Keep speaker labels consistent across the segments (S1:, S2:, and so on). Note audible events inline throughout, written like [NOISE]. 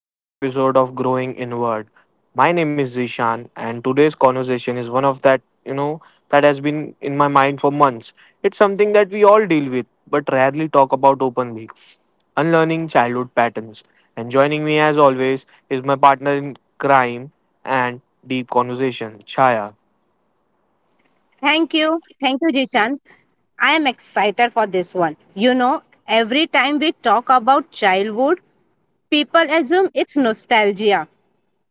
S1: to another episode of Growing Inward. My name is Zishan, and today's conversation is one of that that has been in my mind for months. It's something that we all deal with, but rarely talk about openly unlearning childhood patterns. And joining me, as always, is my partner in crime and deep conversation, Chaya.
S2: Thank you. Thank you, Jishan. I am excited for this one. You know, every time we talk about childhood, people assume it's nostalgia,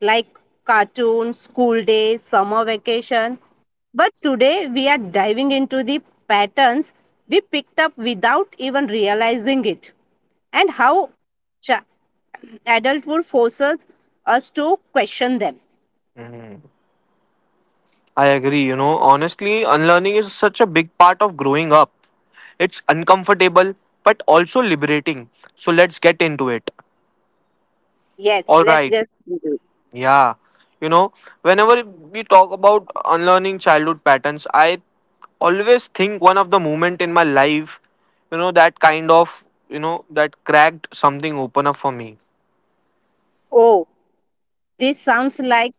S2: like cartoons, school days, summer vacation. But today we are diving into the patterns we picked up without even realizing it and how cha- adulthood forces us to question them.
S1: Mm-hmm. I agree. Honestly, unlearning is such a big part of growing up. It's uncomfortable but also liberating. So let's get into it.
S2: Yes,
S1: All
S2: let's
S1: right.
S2: get into it.
S1: Yeah. You know, whenever we talk about unlearning childhood patterns, I always think one of the moment in my life that kind of that cracked something open up for me.
S2: Oh, this sounds like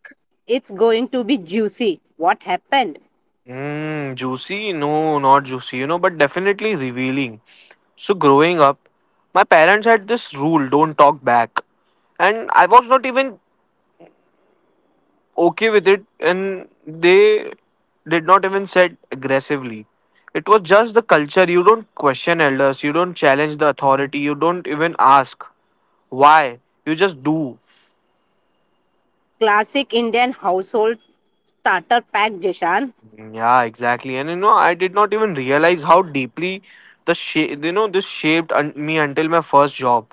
S2: it's going to be juicy. What happened?
S1: Juicy? No, not juicy but definitely revealing. So, growing up, my parents had this rule don't talk back. And I was not even okay with it, and they did not even said aggressively. It was just the culture. You don't question elders, you don't challenge the authority, you don't even ask why. You just do.
S2: Classic Indian household starter pack, Jishan.
S1: Mm, yeah, exactly. And I did not even realize how deeply the shape, this shaped me until my first job.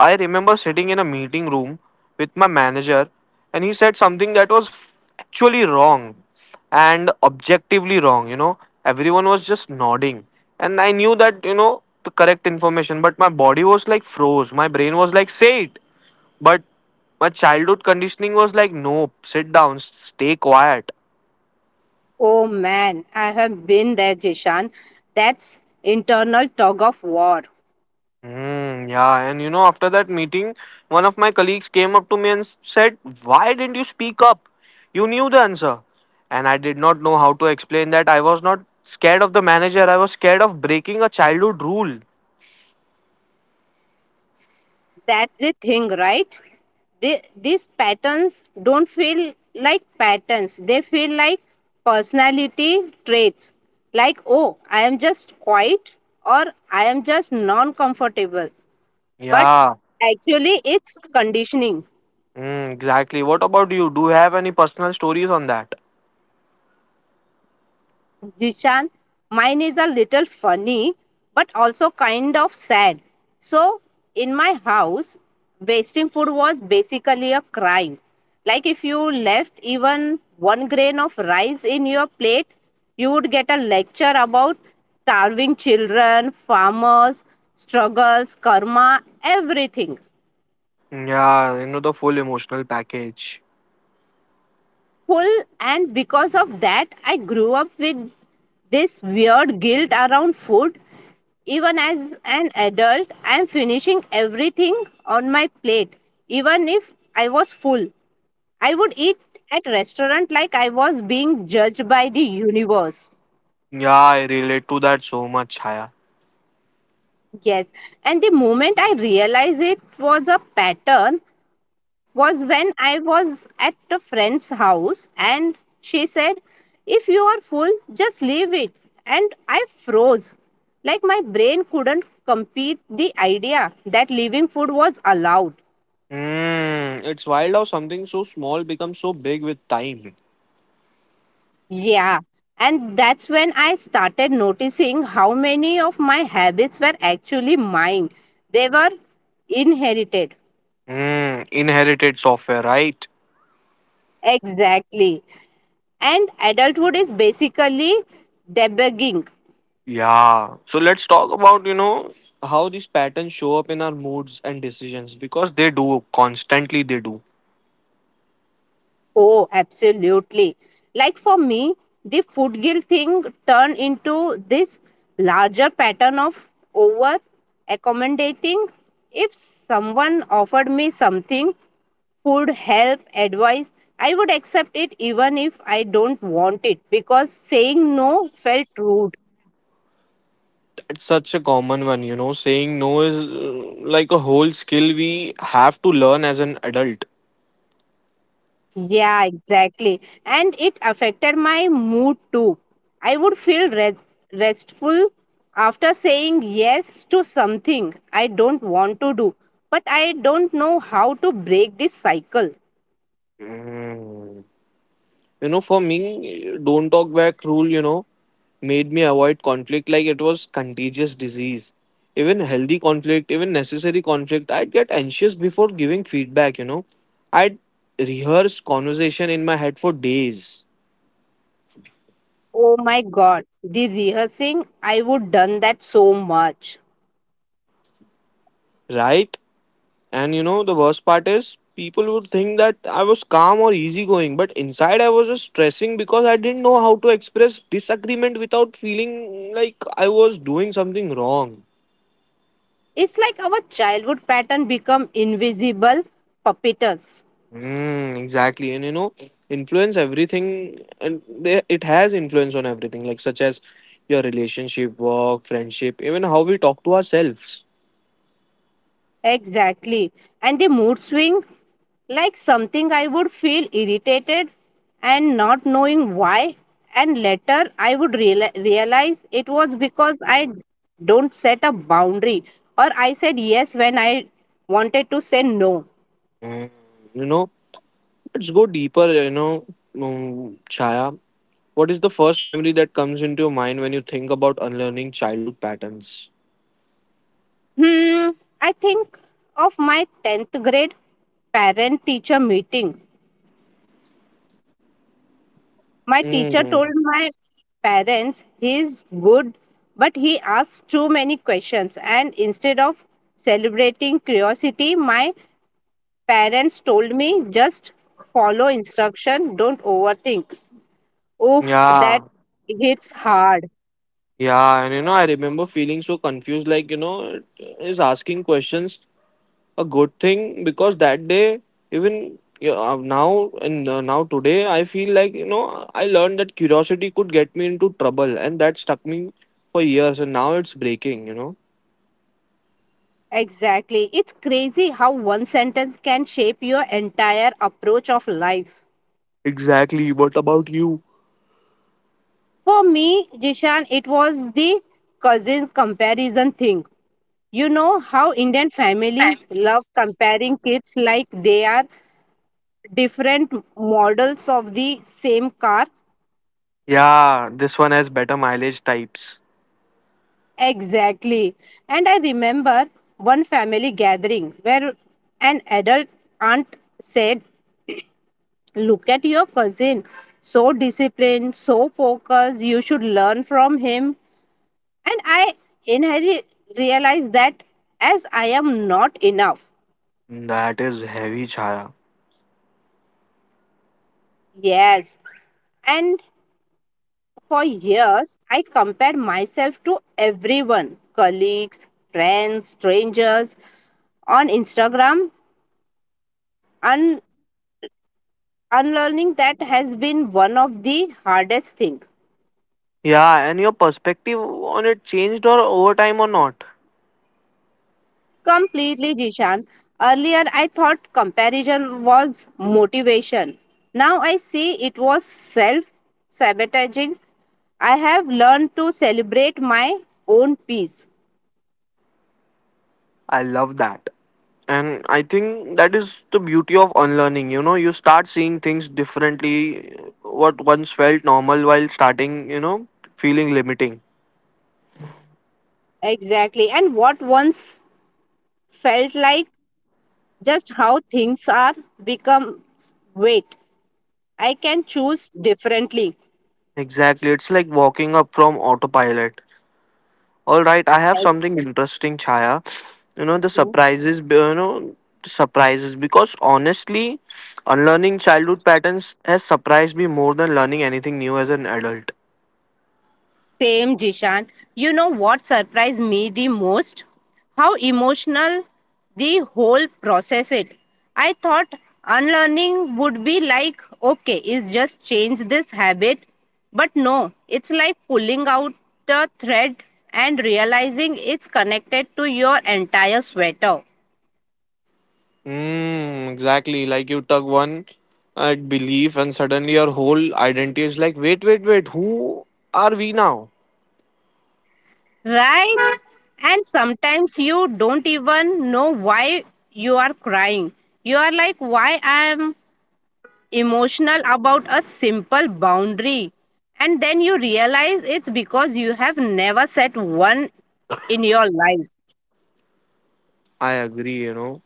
S1: I remember sitting in a meeting room with my manager, and he said something that was actually wrong and objectively wrong. Everyone was just nodding, and I knew that the correct information, but my body was like froze. My brain was like, "Say it," but my childhood conditioning was like, "Nope, sit down, stay quiet."
S2: Oh man, I have been there, Jishan. That's internal tug of war.
S1: Mm, yeah, and after that meeting, one of my colleagues came up to me and said, why didn't you speak up? You knew the answer. And I did not know how to explain that I was not scared of the manager, I was scared of breaking a childhood rule.
S2: That's the thing, right? These patterns don't feel like patterns. They feel like personality traits. Like, oh, I am just quiet or I am just non comfortable. But
S1: Yeah,
S2: actually it's conditioning.
S1: mm, exactly. What about you? Do you have any personal stories on that?
S2: Jishan, mine is a little funny, but also kind of sad. So, in my house, wasting food was basically a crime. Like if you left even one grain of rice in your plate, you would get a lecture about starving children, farmers, struggles, karma, everything.
S1: Yeah, the full emotional package.
S2: Full. And because of that, I grew up with this weird guilt around food. Even as an adult, I am finishing everything on my plate. Even if I was full, I would eat at restaurant like I was being judged by the universe.
S1: Yeah, I relate to that so much, Chaya.
S2: Yes. And the moment I realized it was a pattern was when I was at a friend's house, and she said, "If you are full, just leave it." And I froze. Like my brain couldn't compete the idea that leaving food was allowed.
S1: It's wild how something so small becomes so big with time.
S2: Yeah. And that's when I started noticing how many of my habits were actually mine. They were inherited.
S1: Inherited software, right?
S2: Exactly. And adulthood is basically debugging.
S1: Yeah. So let's talk about how these patterns show up in our moods and decisions because they do constantly they do.
S2: Oh, absolutely. Like for me, the food guilt thing turned into this larger pattern of over accommodating. If someone offered me something, food, help, advice, I would accept it even if I don't want it because saying no felt rude.
S1: That's such a common one saying no is like a whole skill we have to learn as an adult.
S2: Yeah, exactly. And it affected my mood too. I would feel restful after saying yes to something I don't want to do, but I don't know how to break this cycle.
S1: Mm. For me, don't talk back rule, made me avoid conflict like it was contagious disease. Even healthy conflict, even necessary conflict, I'd get anxious before giving feedback. I'd rehearse conversation in my head for days,
S2: Oh my god, the rehearsing, I would done that so much.
S1: right? And the worst part is people would think that I was calm or easygoing, but inside I was just stressing because I didn't know how to express disagreement without feeling like I was doing something wrong.
S2: It's like our childhood pattern become invisible puppeters.
S1: Exactly. And influence everything, and they, it has influence on everything, like such as your relationship, work, friendship, even how we talk to ourselves.
S2: Exactly. And the mood swing, like something I would feel irritated and not knowing why. And later I would realize it was because I don't set a boundary or I said yes when I wanted to say no.
S1: Mm. You know, let's go deeper. Chaya, what is the first memory that comes into your mind when you think about unlearning childhood patterns?
S2: Hmm, I think of my 10th grade parent teacher meeting. My teacher told
S1: Mm.
S2: my parents, "He is good, but he asks too many questions." And instead of celebrating curiosity, my parents told me, "Just follow instruction, don't overthink." Oof, that
S1: Yeah,
S2: hits hard.
S1: yeah, and I remember feeling so confused, like it is asking questions a good thing because that day even yeah, now and now today I feel like I learned that curiosity could get me into trouble and that stuck me for years and now it's breaking.
S2: Exactly. It's crazy how one sentence can shape your entire approach of life.
S1: Exactly. What about you?
S2: For me, Jishan, it was the cousin comparison thing. You know how Indian families love comparing kids like they are different models of the same car?
S1: Yeah, this one has better mileage types.
S2: Exactly. And I remember one family gathering where an adult aunt said, "Look at your cousin, so disciplined, so focused, you should learn from him." And I inherently realized that as I am not enough.
S1: That is heavy, Chaya.
S2: Yes. And for years, I compared myself to everyone, colleagues, friends, strangers on Instagram. And unlearning that has been one of the hardest things.
S1: Yeah, and your perspective on it changed or over time or not.
S2: Completely, Jishan. Earlier, I thought comparison was motivation. Now I see it was self sabotaging. I have learned to celebrate my own peace.
S1: I love that. And I think that is the beauty of unlearning. You know, you start seeing things differently. What once felt normal while starting, feeling limiting.
S2: Exactly. And what once felt like just how things are become. Wait, I can choose differently.
S1: Exactly. It's like walking up from autopilot. All right, I have something interesting, Chaya. The surprises, surprises. Because honestly, unlearning childhood patterns has surprised me more than learning anything new as an adult.
S2: Same, Jishan. You know what surprised me the most? How emotional the whole process it. I thought unlearning would be like, okay, it's just change this habit. But no, it's like pulling out a thread and realizing it's connected to your entire sweater.
S1: Exactly. Like you tug one at belief, and suddenly your whole identity is like, wait, wait, wait, who are we now?
S2: Right? And sometimes you don't even know why you are crying. You are like, why I am emotional about a simple boundary. And then you realize it's because you have never set one in your lives.
S1: I agree.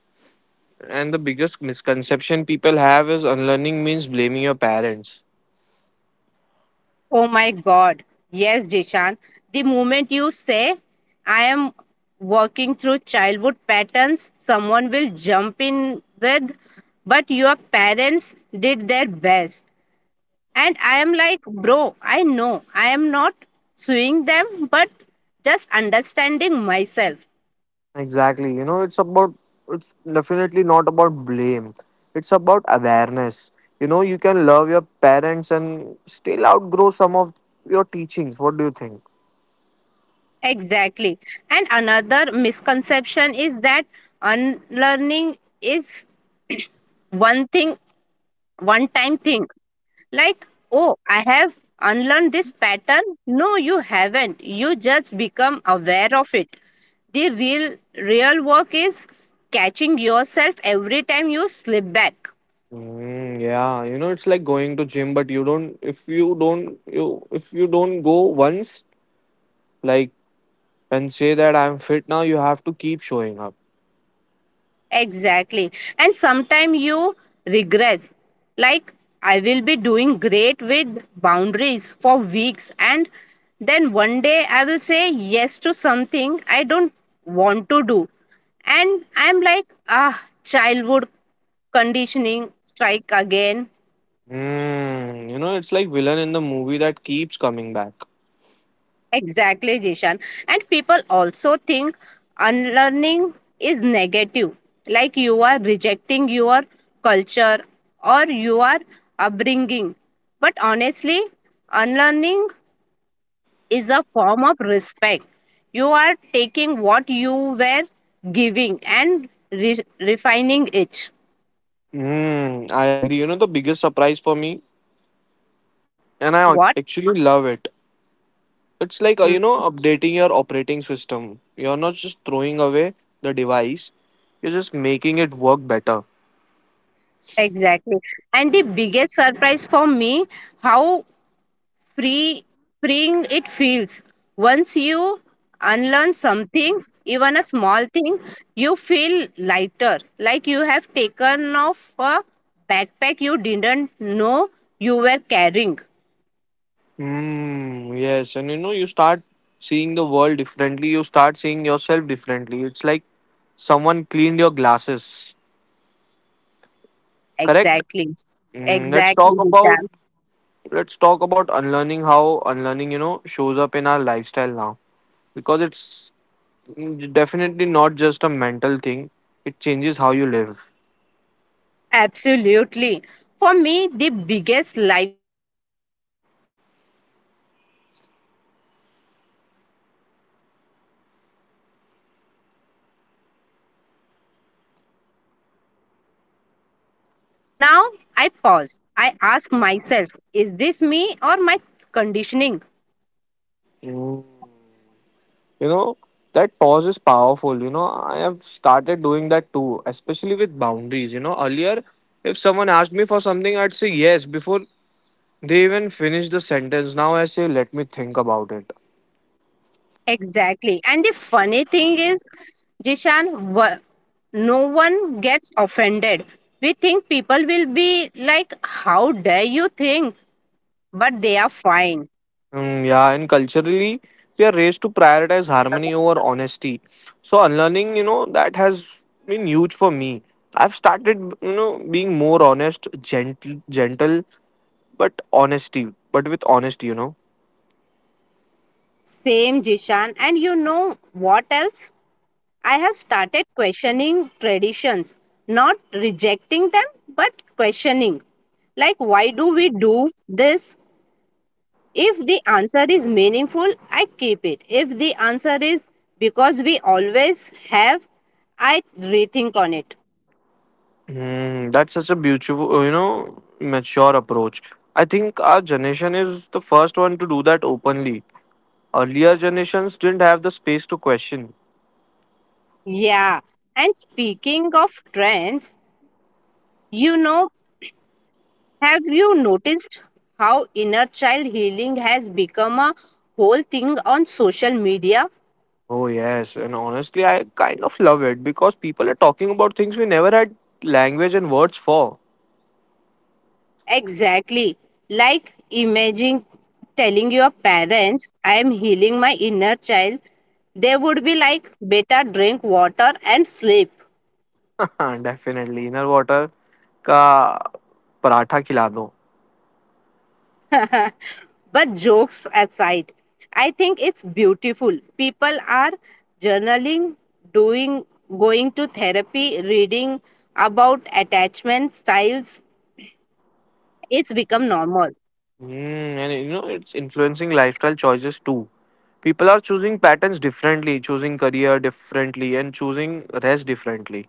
S1: And the biggest misconception people have is unlearning means blaming your parents.
S2: Oh my God. Yes, Jishan. The moment you say, "I am working through childhood patterns," someone will jump in with, "But your parents did their best." And I am like, bro, I know I am not suing them, but just understanding myself.
S1: Exactly. It's definitely not about blame, it's about awareness. You know, you can love your parents and still outgrow some of your teachings. What do you think?
S2: Exactly. And another misconception is that unlearning is one thing, one time thing. Like, oh, I have unlearned this pattern. No, you haven't. You just become aware of it. The real work is catching yourself every time you slip back.
S1: Yeah, it's like going to gym, but you don't if you don't you if you don't go once, like and say that I'm fit now, you have to keep showing up.
S2: Exactly. And sometimes you regress. Like, I will be doing great with boundaries for weeks, and then one day I will say yes to something I don't want to do. And I'm like, ah, childhood conditioning strike again.
S1: It's like villain in the movie that keeps coming back.
S2: Exactly, Jishan. And people also think unlearning is negative, like you are rejecting your culture or you are upbringing. But honestly, unlearning is a form of respect. You are taking what you were giving and refining it.
S1: I agree. The biggest surprise for me, and I
S2: What?
S1: actually love it. It's like,
S2: Mm,
S1: updating your operating system. You're not just throwing away the device, you're just making it work better.
S2: Exactly. And the biggest surprise for me, how free freeing it feels. Once you unlearn something, even a small thing, you feel lighter, like you have taken off a backpack you didn't know you were carrying.
S1: Mm, yes, and you start seeing the world differently, you start seeing yourself differently. It's like someone cleaned your glasses, correct?
S2: Exactly.
S1: Mm, let's
S2: Exactly,
S1: talk about
S2: Vishal.
S1: let's talk about unlearning how unlearning, shows up in our lifestyle now because it's definitely not just a mental thing. It changes how you live.
S2: Absolutely. For me, the biggest lifestyle shift has been pausing. Earlier, I would react instantly, say instantly, feel guilt instantly, get triggered instantly. Now, I pause. I ask myself, is this me or my conditioning?
S1: Mm. You know, that pause is powerful. I have started doing that too, especially with boundaries. Earlier, if someone asked me for something, I'd say yes before they even finish the sentence. Now I say, let me think about it.
S2: Exactly. And the funny thing is, Jishan, no one gets offended. We think people will be like, "How dare you think?" But they are fine.
S1: Yeah, and culturally, we are raised to prioritize harmony over honesty. So unlearning, that has been huge for me. I've started, being more honest, gentle, gentle, but honesty, but with honesty.
S2: Same, Jishan. And you know what else? I have started questioning traditions, not rejecting them, but questioning. Like, why do we do this? If the answer is meaningful, I keep it. If the answer is because we always have, I rethink on it.
S1: That's such a beautiful, mature approach. I think our generation is the first one to do that openly. Earlier generations didn't have the space to question.
S2: Yeah. And speaking of trends, you know, have you noticed how inner child healing has become a whole thing on social media?
S1: Oh, yes, and honestly, I kind of love it because people are talking about things we never had language and words for.
S2: Exactly. Like imagine telling your parents, "I am healing my inner child." They would be like, "Beta, drink water and sleep."
S1: [LAUGHS] Definitely, inner water ka paratha khila do.
S2: [LAUGHS] But jokes aside, I think it's beautiful. People are journaling, doing, going to therapy, reading about attachment styles. It's become normal.
S1: It's influencing lifestyle choices too. People are choosing patterns differently, choosing career differently, and choosing rest differently.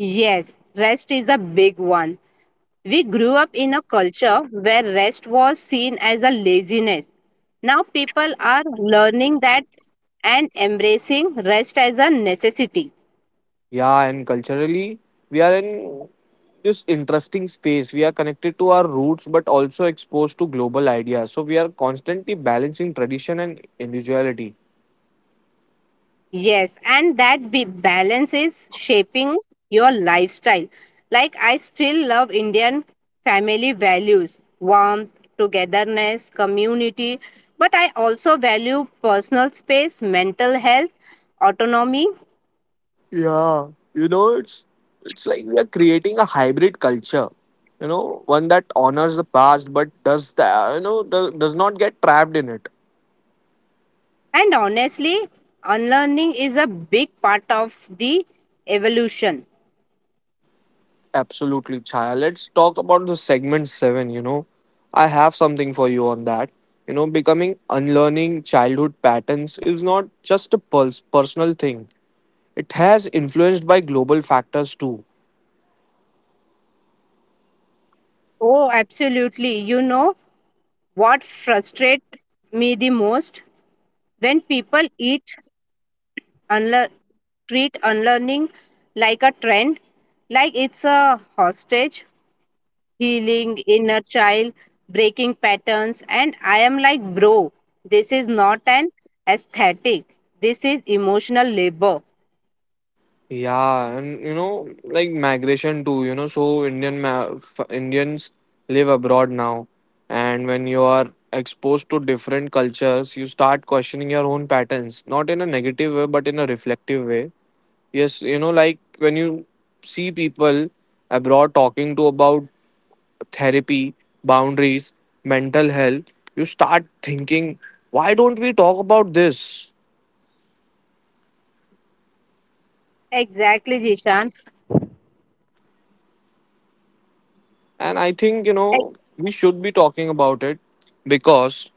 S2: Yes, rest is a big one. We grew up in a culture where rest was seen as a laziness. Now people are learning that and embracing rest as a necessity.
S1: Yeah, and culturally, we are in this interesting space. We are connected to our roots, but also exposed to global ideas. So we are constantly balancing tradition and individuality.
S2: Yes, and that balance is shaping your lifestyle. Like I still love Indian family values, warmth, togetherness, community, but I also value personal space, mental health, autonomy.
S1: Yeah, you know, it's it's like we are creating a hybrid culture. One that honors the past but does the you know does not get trapped in it.
S2: And honestly, unlearning is a big part of the evolution.
S1: Absolutely, Chaya. Let's talk about the segment seven. I have something for you on that. Becoming unlearning childhood patterns is not just a pulse personal thing. It has influenced by global factors too.
S2: Oh, absolutely. You know what frustrates me the most? When people eat unlearn, treat unlearning like a trend, like it's a hostage, healing inner child, breaking patterns, and I am like, bro, this is not an aesthetic. This is emotional labor.
S1: Yeah, and like migration too. So Indian Indians live abroad now, and when you are exposed to different cultures, you start questioning your own patterns, not in a negative way, but in a reflective way. Yes, like when you see people abroad talking to about therapy, boundaries, mental health, you start thinking, why don't we talk about this?
S2: Exactly, Jishan.
S1: And I think,
S2: I-
S1: we should be talking about it because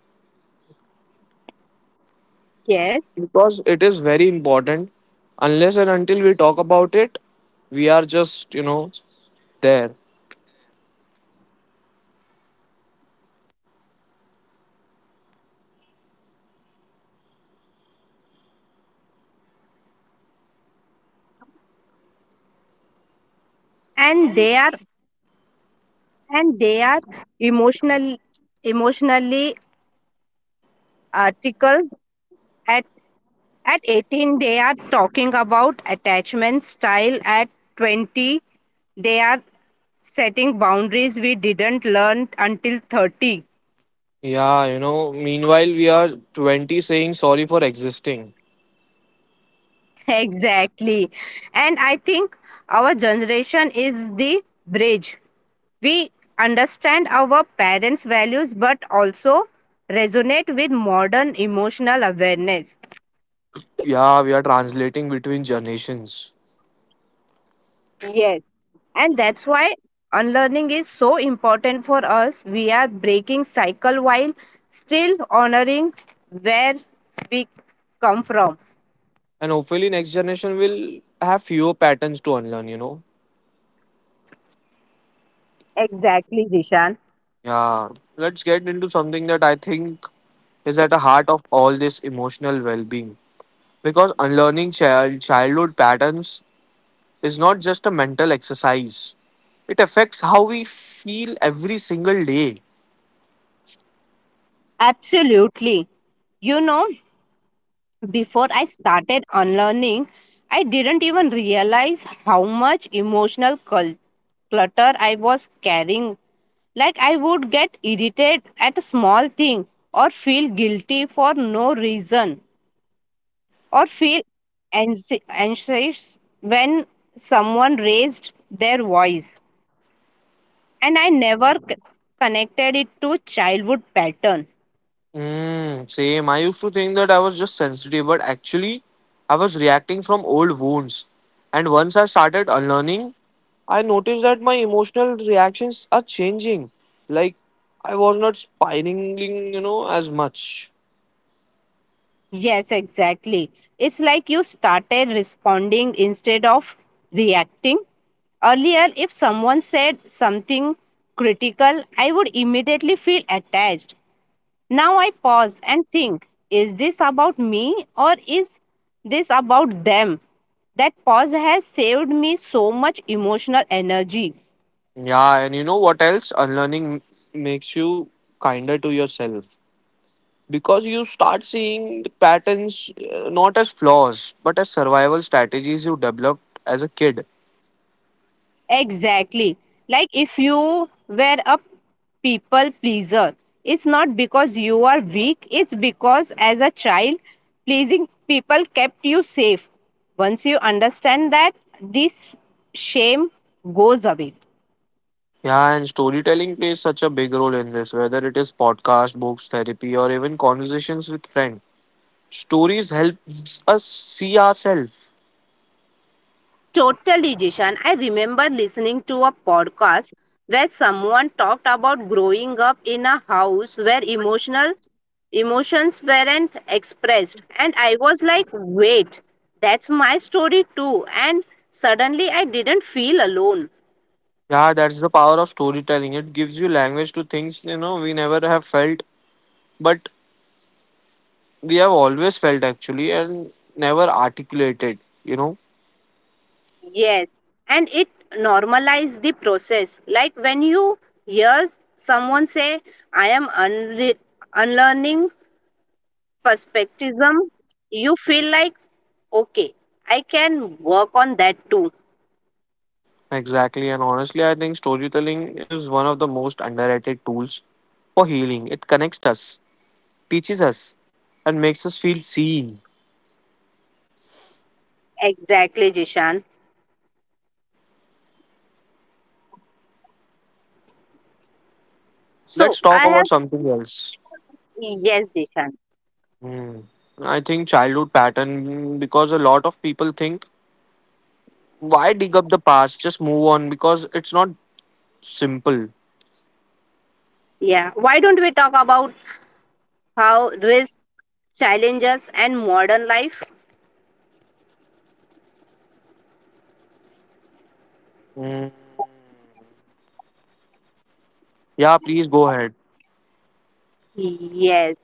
S2: Yes.
S1: because it is very important. Unless and until we talk about it, we are just, there.
S2: and they are and they are emotional emotionally article at at 18, they are talking about attachment style at 20, they are setting boundaries we didn't learn until 30.
S1: Yeah, meanwhile we are 20 saying sorry for existing.
S2: Exactly. And I think our generation is the bridge. We understand our parents values but also resonate with modern emotional awareness.
S1: Yeah, we are translating between generations.
S2: Yes. And that's why unlearning is so important for us. We are breaking cycle while still honoring where we come from.
S1: And hopefully, next generation will have fewer patterns to unlearn.
S2: Exactly, Dishan.
S1: Yeah, let's get into something that I think is at the heart of all this emotional well being. Because unlearning child, childhood patterns is not just a mental exercise, it affects how we feel every single day.
S2: Absolutely. You know, before I started unlearning, I didn't even realize how much emotional clutter I was carrying. Like I would get irritated at a small thing or feel guilty for no reason. Or feel anxious when someone raised their voice, and I never connected it to childhood pattern.
S1: Same. I used to think that I was just sensitive, but actually, I was reacting from old wounds. And once I started unlearning, I noticed that my emotional reactions are changing. Like, I was not spiraling, as much.
S2: Yes, exactly. It's like you started responding instead of reacting. Earlier, if someone said something critical, I would immediately feel attached. Now I pause and think, is this about me or is this about them? That pause has saved me so much emotional energy.
S1: Yeah, and you know what else? Unlearning makes you kinder to yourself because you start seeing the patterns not as flaws but as survival strategies you developed as a kid.
S2: Exactly. Like if you were a people pleaser, it's not because you are weak, it's because as a child, pleasing people kept you safe. Once you understand that, this shame goes away.
S1: Yeah, and storytelling plays such a big role in this, whether it is podcast, books, therapy, or even conversations with friends. Stories helps us see ourselves.
S2: Totalization. I remember listening to a podcast where someone talked about growing up in a house where emotional emotions weren't expressed, and I was like, "Wait, that's my story too." And suddenly I didn't feel alone.
S1: Yeah, that's the power of storytelling. It gives you language to things we never have felt, but we have always felt actually and never articulated. You know
S2: Yes, and it normalized the process. Like when you hear someone say, "I am unlearning perspectivism," you feel like, okay, I can work on that too.
S1: exactly, and honestly, I think storytelling is one of the most underrated tools for healing. It connects us, teaches us, and makes us feel seen.
S2: Exactly, Jishan. So
S1: Let's talk
S2: I have,
S1: about something else.
S2: yes, Jishan.
S1: Hmm. I think childhood pattern because a lot of people think why dig up the past, just move on because it's not simple.
S2: Yeah. Why don't we talk about how risk, challenges, and modern life?
S1: Mm. Yeah, please go ahead.
S2: Yes.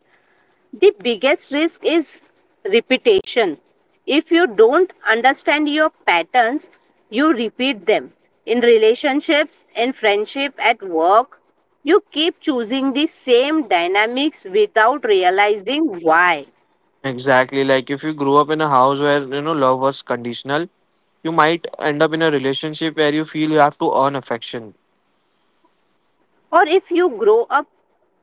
S2: The biggest risk is repetition. If you don't understand your patterns, you repeat them. In relationships, in friendship, at work, you keep choosing the same dynamics without realizing why.
S1: Exactly. Like if you grew up in a house where love was conditional, you might end up in a relationship where you feel you have to earn affection.
S2: Or if you grow up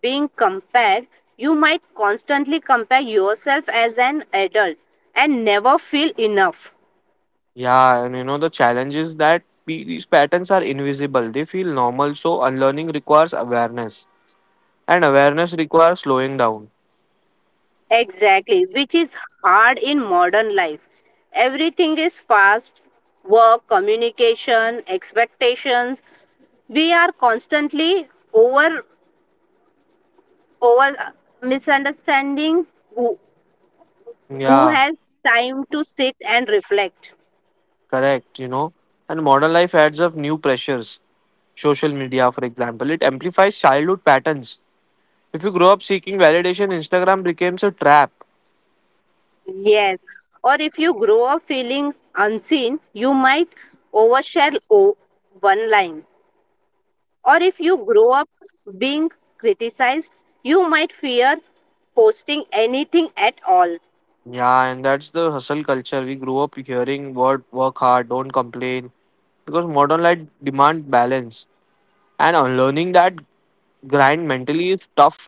S2: being compared, you might constantly compare yourself as an adult and never feel enough.
S1: Yeah, and the challenge is that we, these patterns are invisible. They feel normal, so unlearning requires awareness. And awareness requires slowing down.
S2: Exactly, which is hard in modern life. Everything is fast, work, communication, expectations. We are constantly over over misunderstanding who, who
S1: Yeah,
S2: has time to sit and reflect.
S1: correct. And modern life adds up new pressures. Social media, for example, it amplifies childhood patterns. If you grow up seeking validation, Instagram becomes a trap.
S2: Yes. Or if you grow up feeling unseen, you might overshare one line, or if you grow up being criticized, you might fear posting anything at all.
S1: Yeah, and that's the hustle culture. We grew up hearing word work hard, don't complain, because modern life demand balance. And unlearning that grind mentally is tough.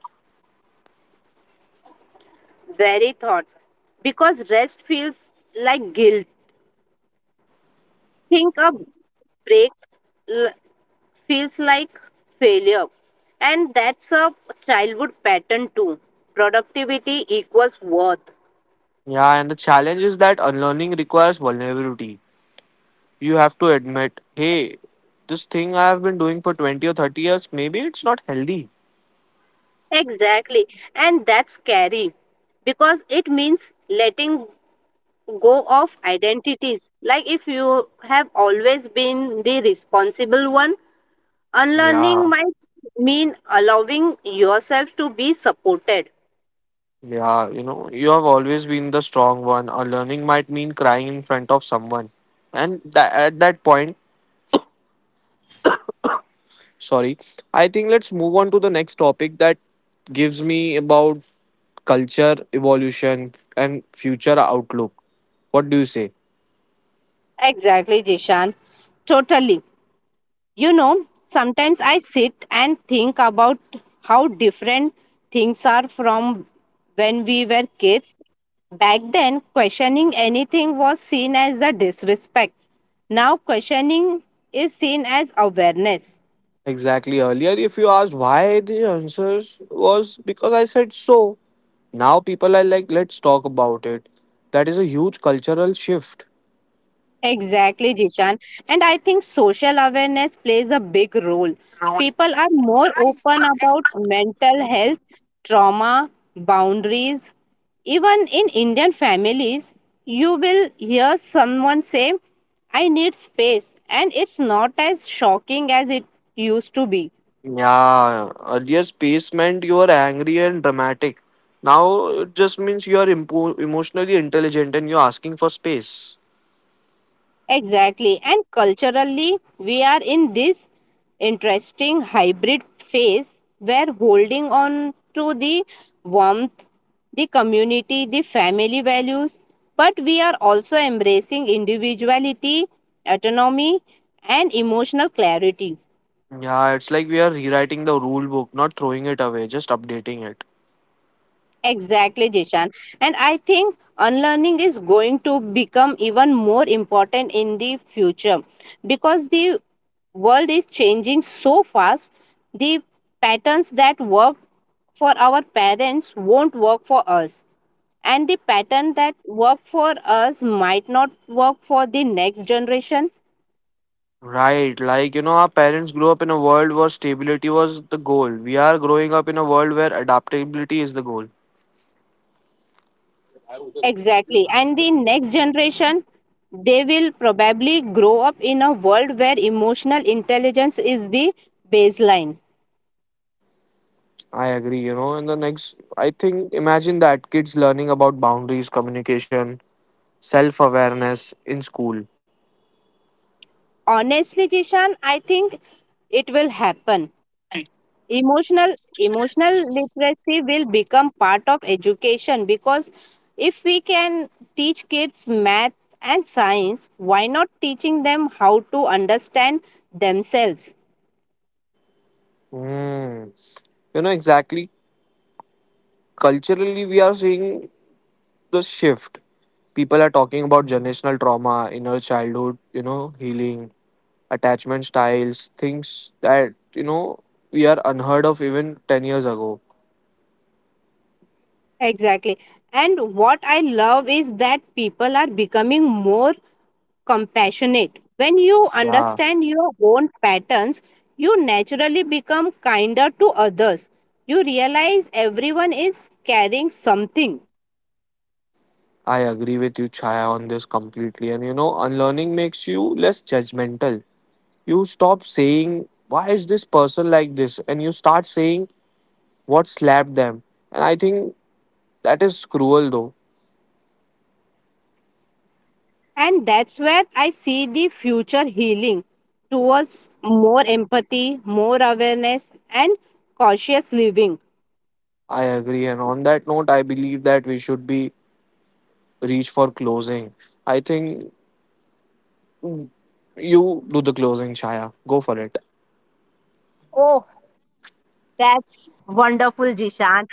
S2: Very thought. Because rest feels like guilt. Think a break l- feels like failure. And that's a childhood pattern too. Productivity equals worth.
S1: Yeah, and the challenge is that unlearning requires vulnerability. You have to admit, hey, this thing I have been doing for 20 or 30 years, maybe it's not healthy.
S2: Exactly. And that's scary because it means letting go of identities. Like if you have always been the responsible one, unlearning
S1: Yeah,
S2: might mean allowing yourself to be supported.
S1: yeah, you have always been the strong one. Unlearning might mean crying in front of someone. And at that point, sorry I think let's move on to the next topic that gives me about culture evolution and future outlook, what do you say?
S2: Exactly, Jishan. Totally. You know, sometimes I sit and think about how different things are from when we were kids. Back then, questioning anything was seen as a disrespect. Now, questioning is seen as awareness.
S1: Exactly, earlier if you asked why the answers was because I said so, now people are like let's talk about it. That is a huge cultural shift.
S2: Exactly, Jishan. And I think social awareness plays a big role. People are more open about mental health, trauma, boundaries. Even in Indian families, you will hear someone say, "I need space," and it's not as shocking as it used to be.
S1: Yeah, earlier space meant you were angry and dramatic, now it just means you are emotionally intelligent and you're asking for space.
S2: Exactly. And culturally, we are in this interesting hybrid phase where holding on to the warmth, the community, the family values, but we are also embracing individuality, autonomy, and emotional clarity.
S1: Yeah, it's like we are rewriting the rule book, not throwing it away, just updating it.
S2: Exactly, Jishan. And I think unlearning is going to become even more important in the future because the world is changing so fast. The patterns that work for our parents won't work for us. And the pattern that work for us might not work for the next generation.
S1: Right, like our parents grew up in a world where stability was the goal. We are growing up in a world where adaptability is the goal.
S2: Exactly. And the next generation, they will probably grow up in a world where emotional intelligence is the baseline.
S1: I agree. And the next, I think, imagine that kids learning about boundaries, communication, self awareness in school.
S2: Honestly, Jishan, I think it will happen. Emotional literacy will become part of education because if we can teach kids math and science, why not teaching them how to understand themselves?
S1: Mm. Exactly. Culturally, we are seeing the shift. People are talking about generational trauma, inner childhood, healing attachment styles, things that we are unheard of even 10 years ago.
S2: Exactly. And what I love is that people are becoming more compassionate. When you
S1: Yeah,
S2: understand your own patterns, you naturally become kinder to others. You realize everyone is carrying something.
S1: I agree with you, Chaya, on this completely. And, unlearning makes you less judgmental. You stop saying, why is this person like this? And you start saying, what slapped them? And I think that is cruel, though.
S2: And that's where I see the future healing towards more empathy, more awareness, and cautious living.
S1: I agree. And on that note, I believe that we should be reach for closing. I think you do the closing, Chaya. Go for it.
S2: Oh, that's wonderful, Jishan.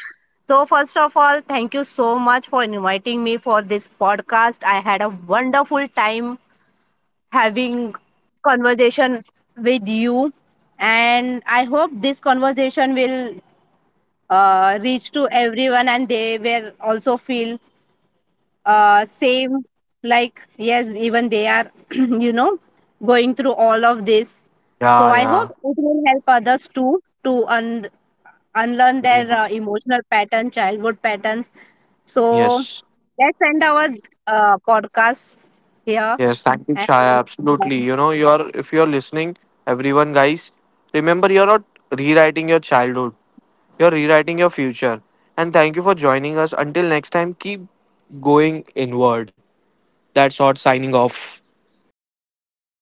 S2: So, first of all, thank you so much for inviting me for this podcast. I had a wonderful time having conversation with you, and I hope this conversation will reach to everyone, and they will also feel same. Like yes, even they are, [CLEARS THROAT] you know, going through all of this. So I hope
S1: Yeah,
S2: it will help others too to unlearn
S1: yeah.
S2: their
S1: Yeah.
S2: emotional pattern, childhood patterns. So
S1: Yes.
S2: let's end our podcast here.
S1: Yes, thank you, Chaya. Absolutely.
S2: And
S1: You know, you're if you're listening, everyone, guys, remember you're not rewriting your childhood. You're rewriting your future. And thank you for joining us. Until next time, keep going inward. That's all. Signing off.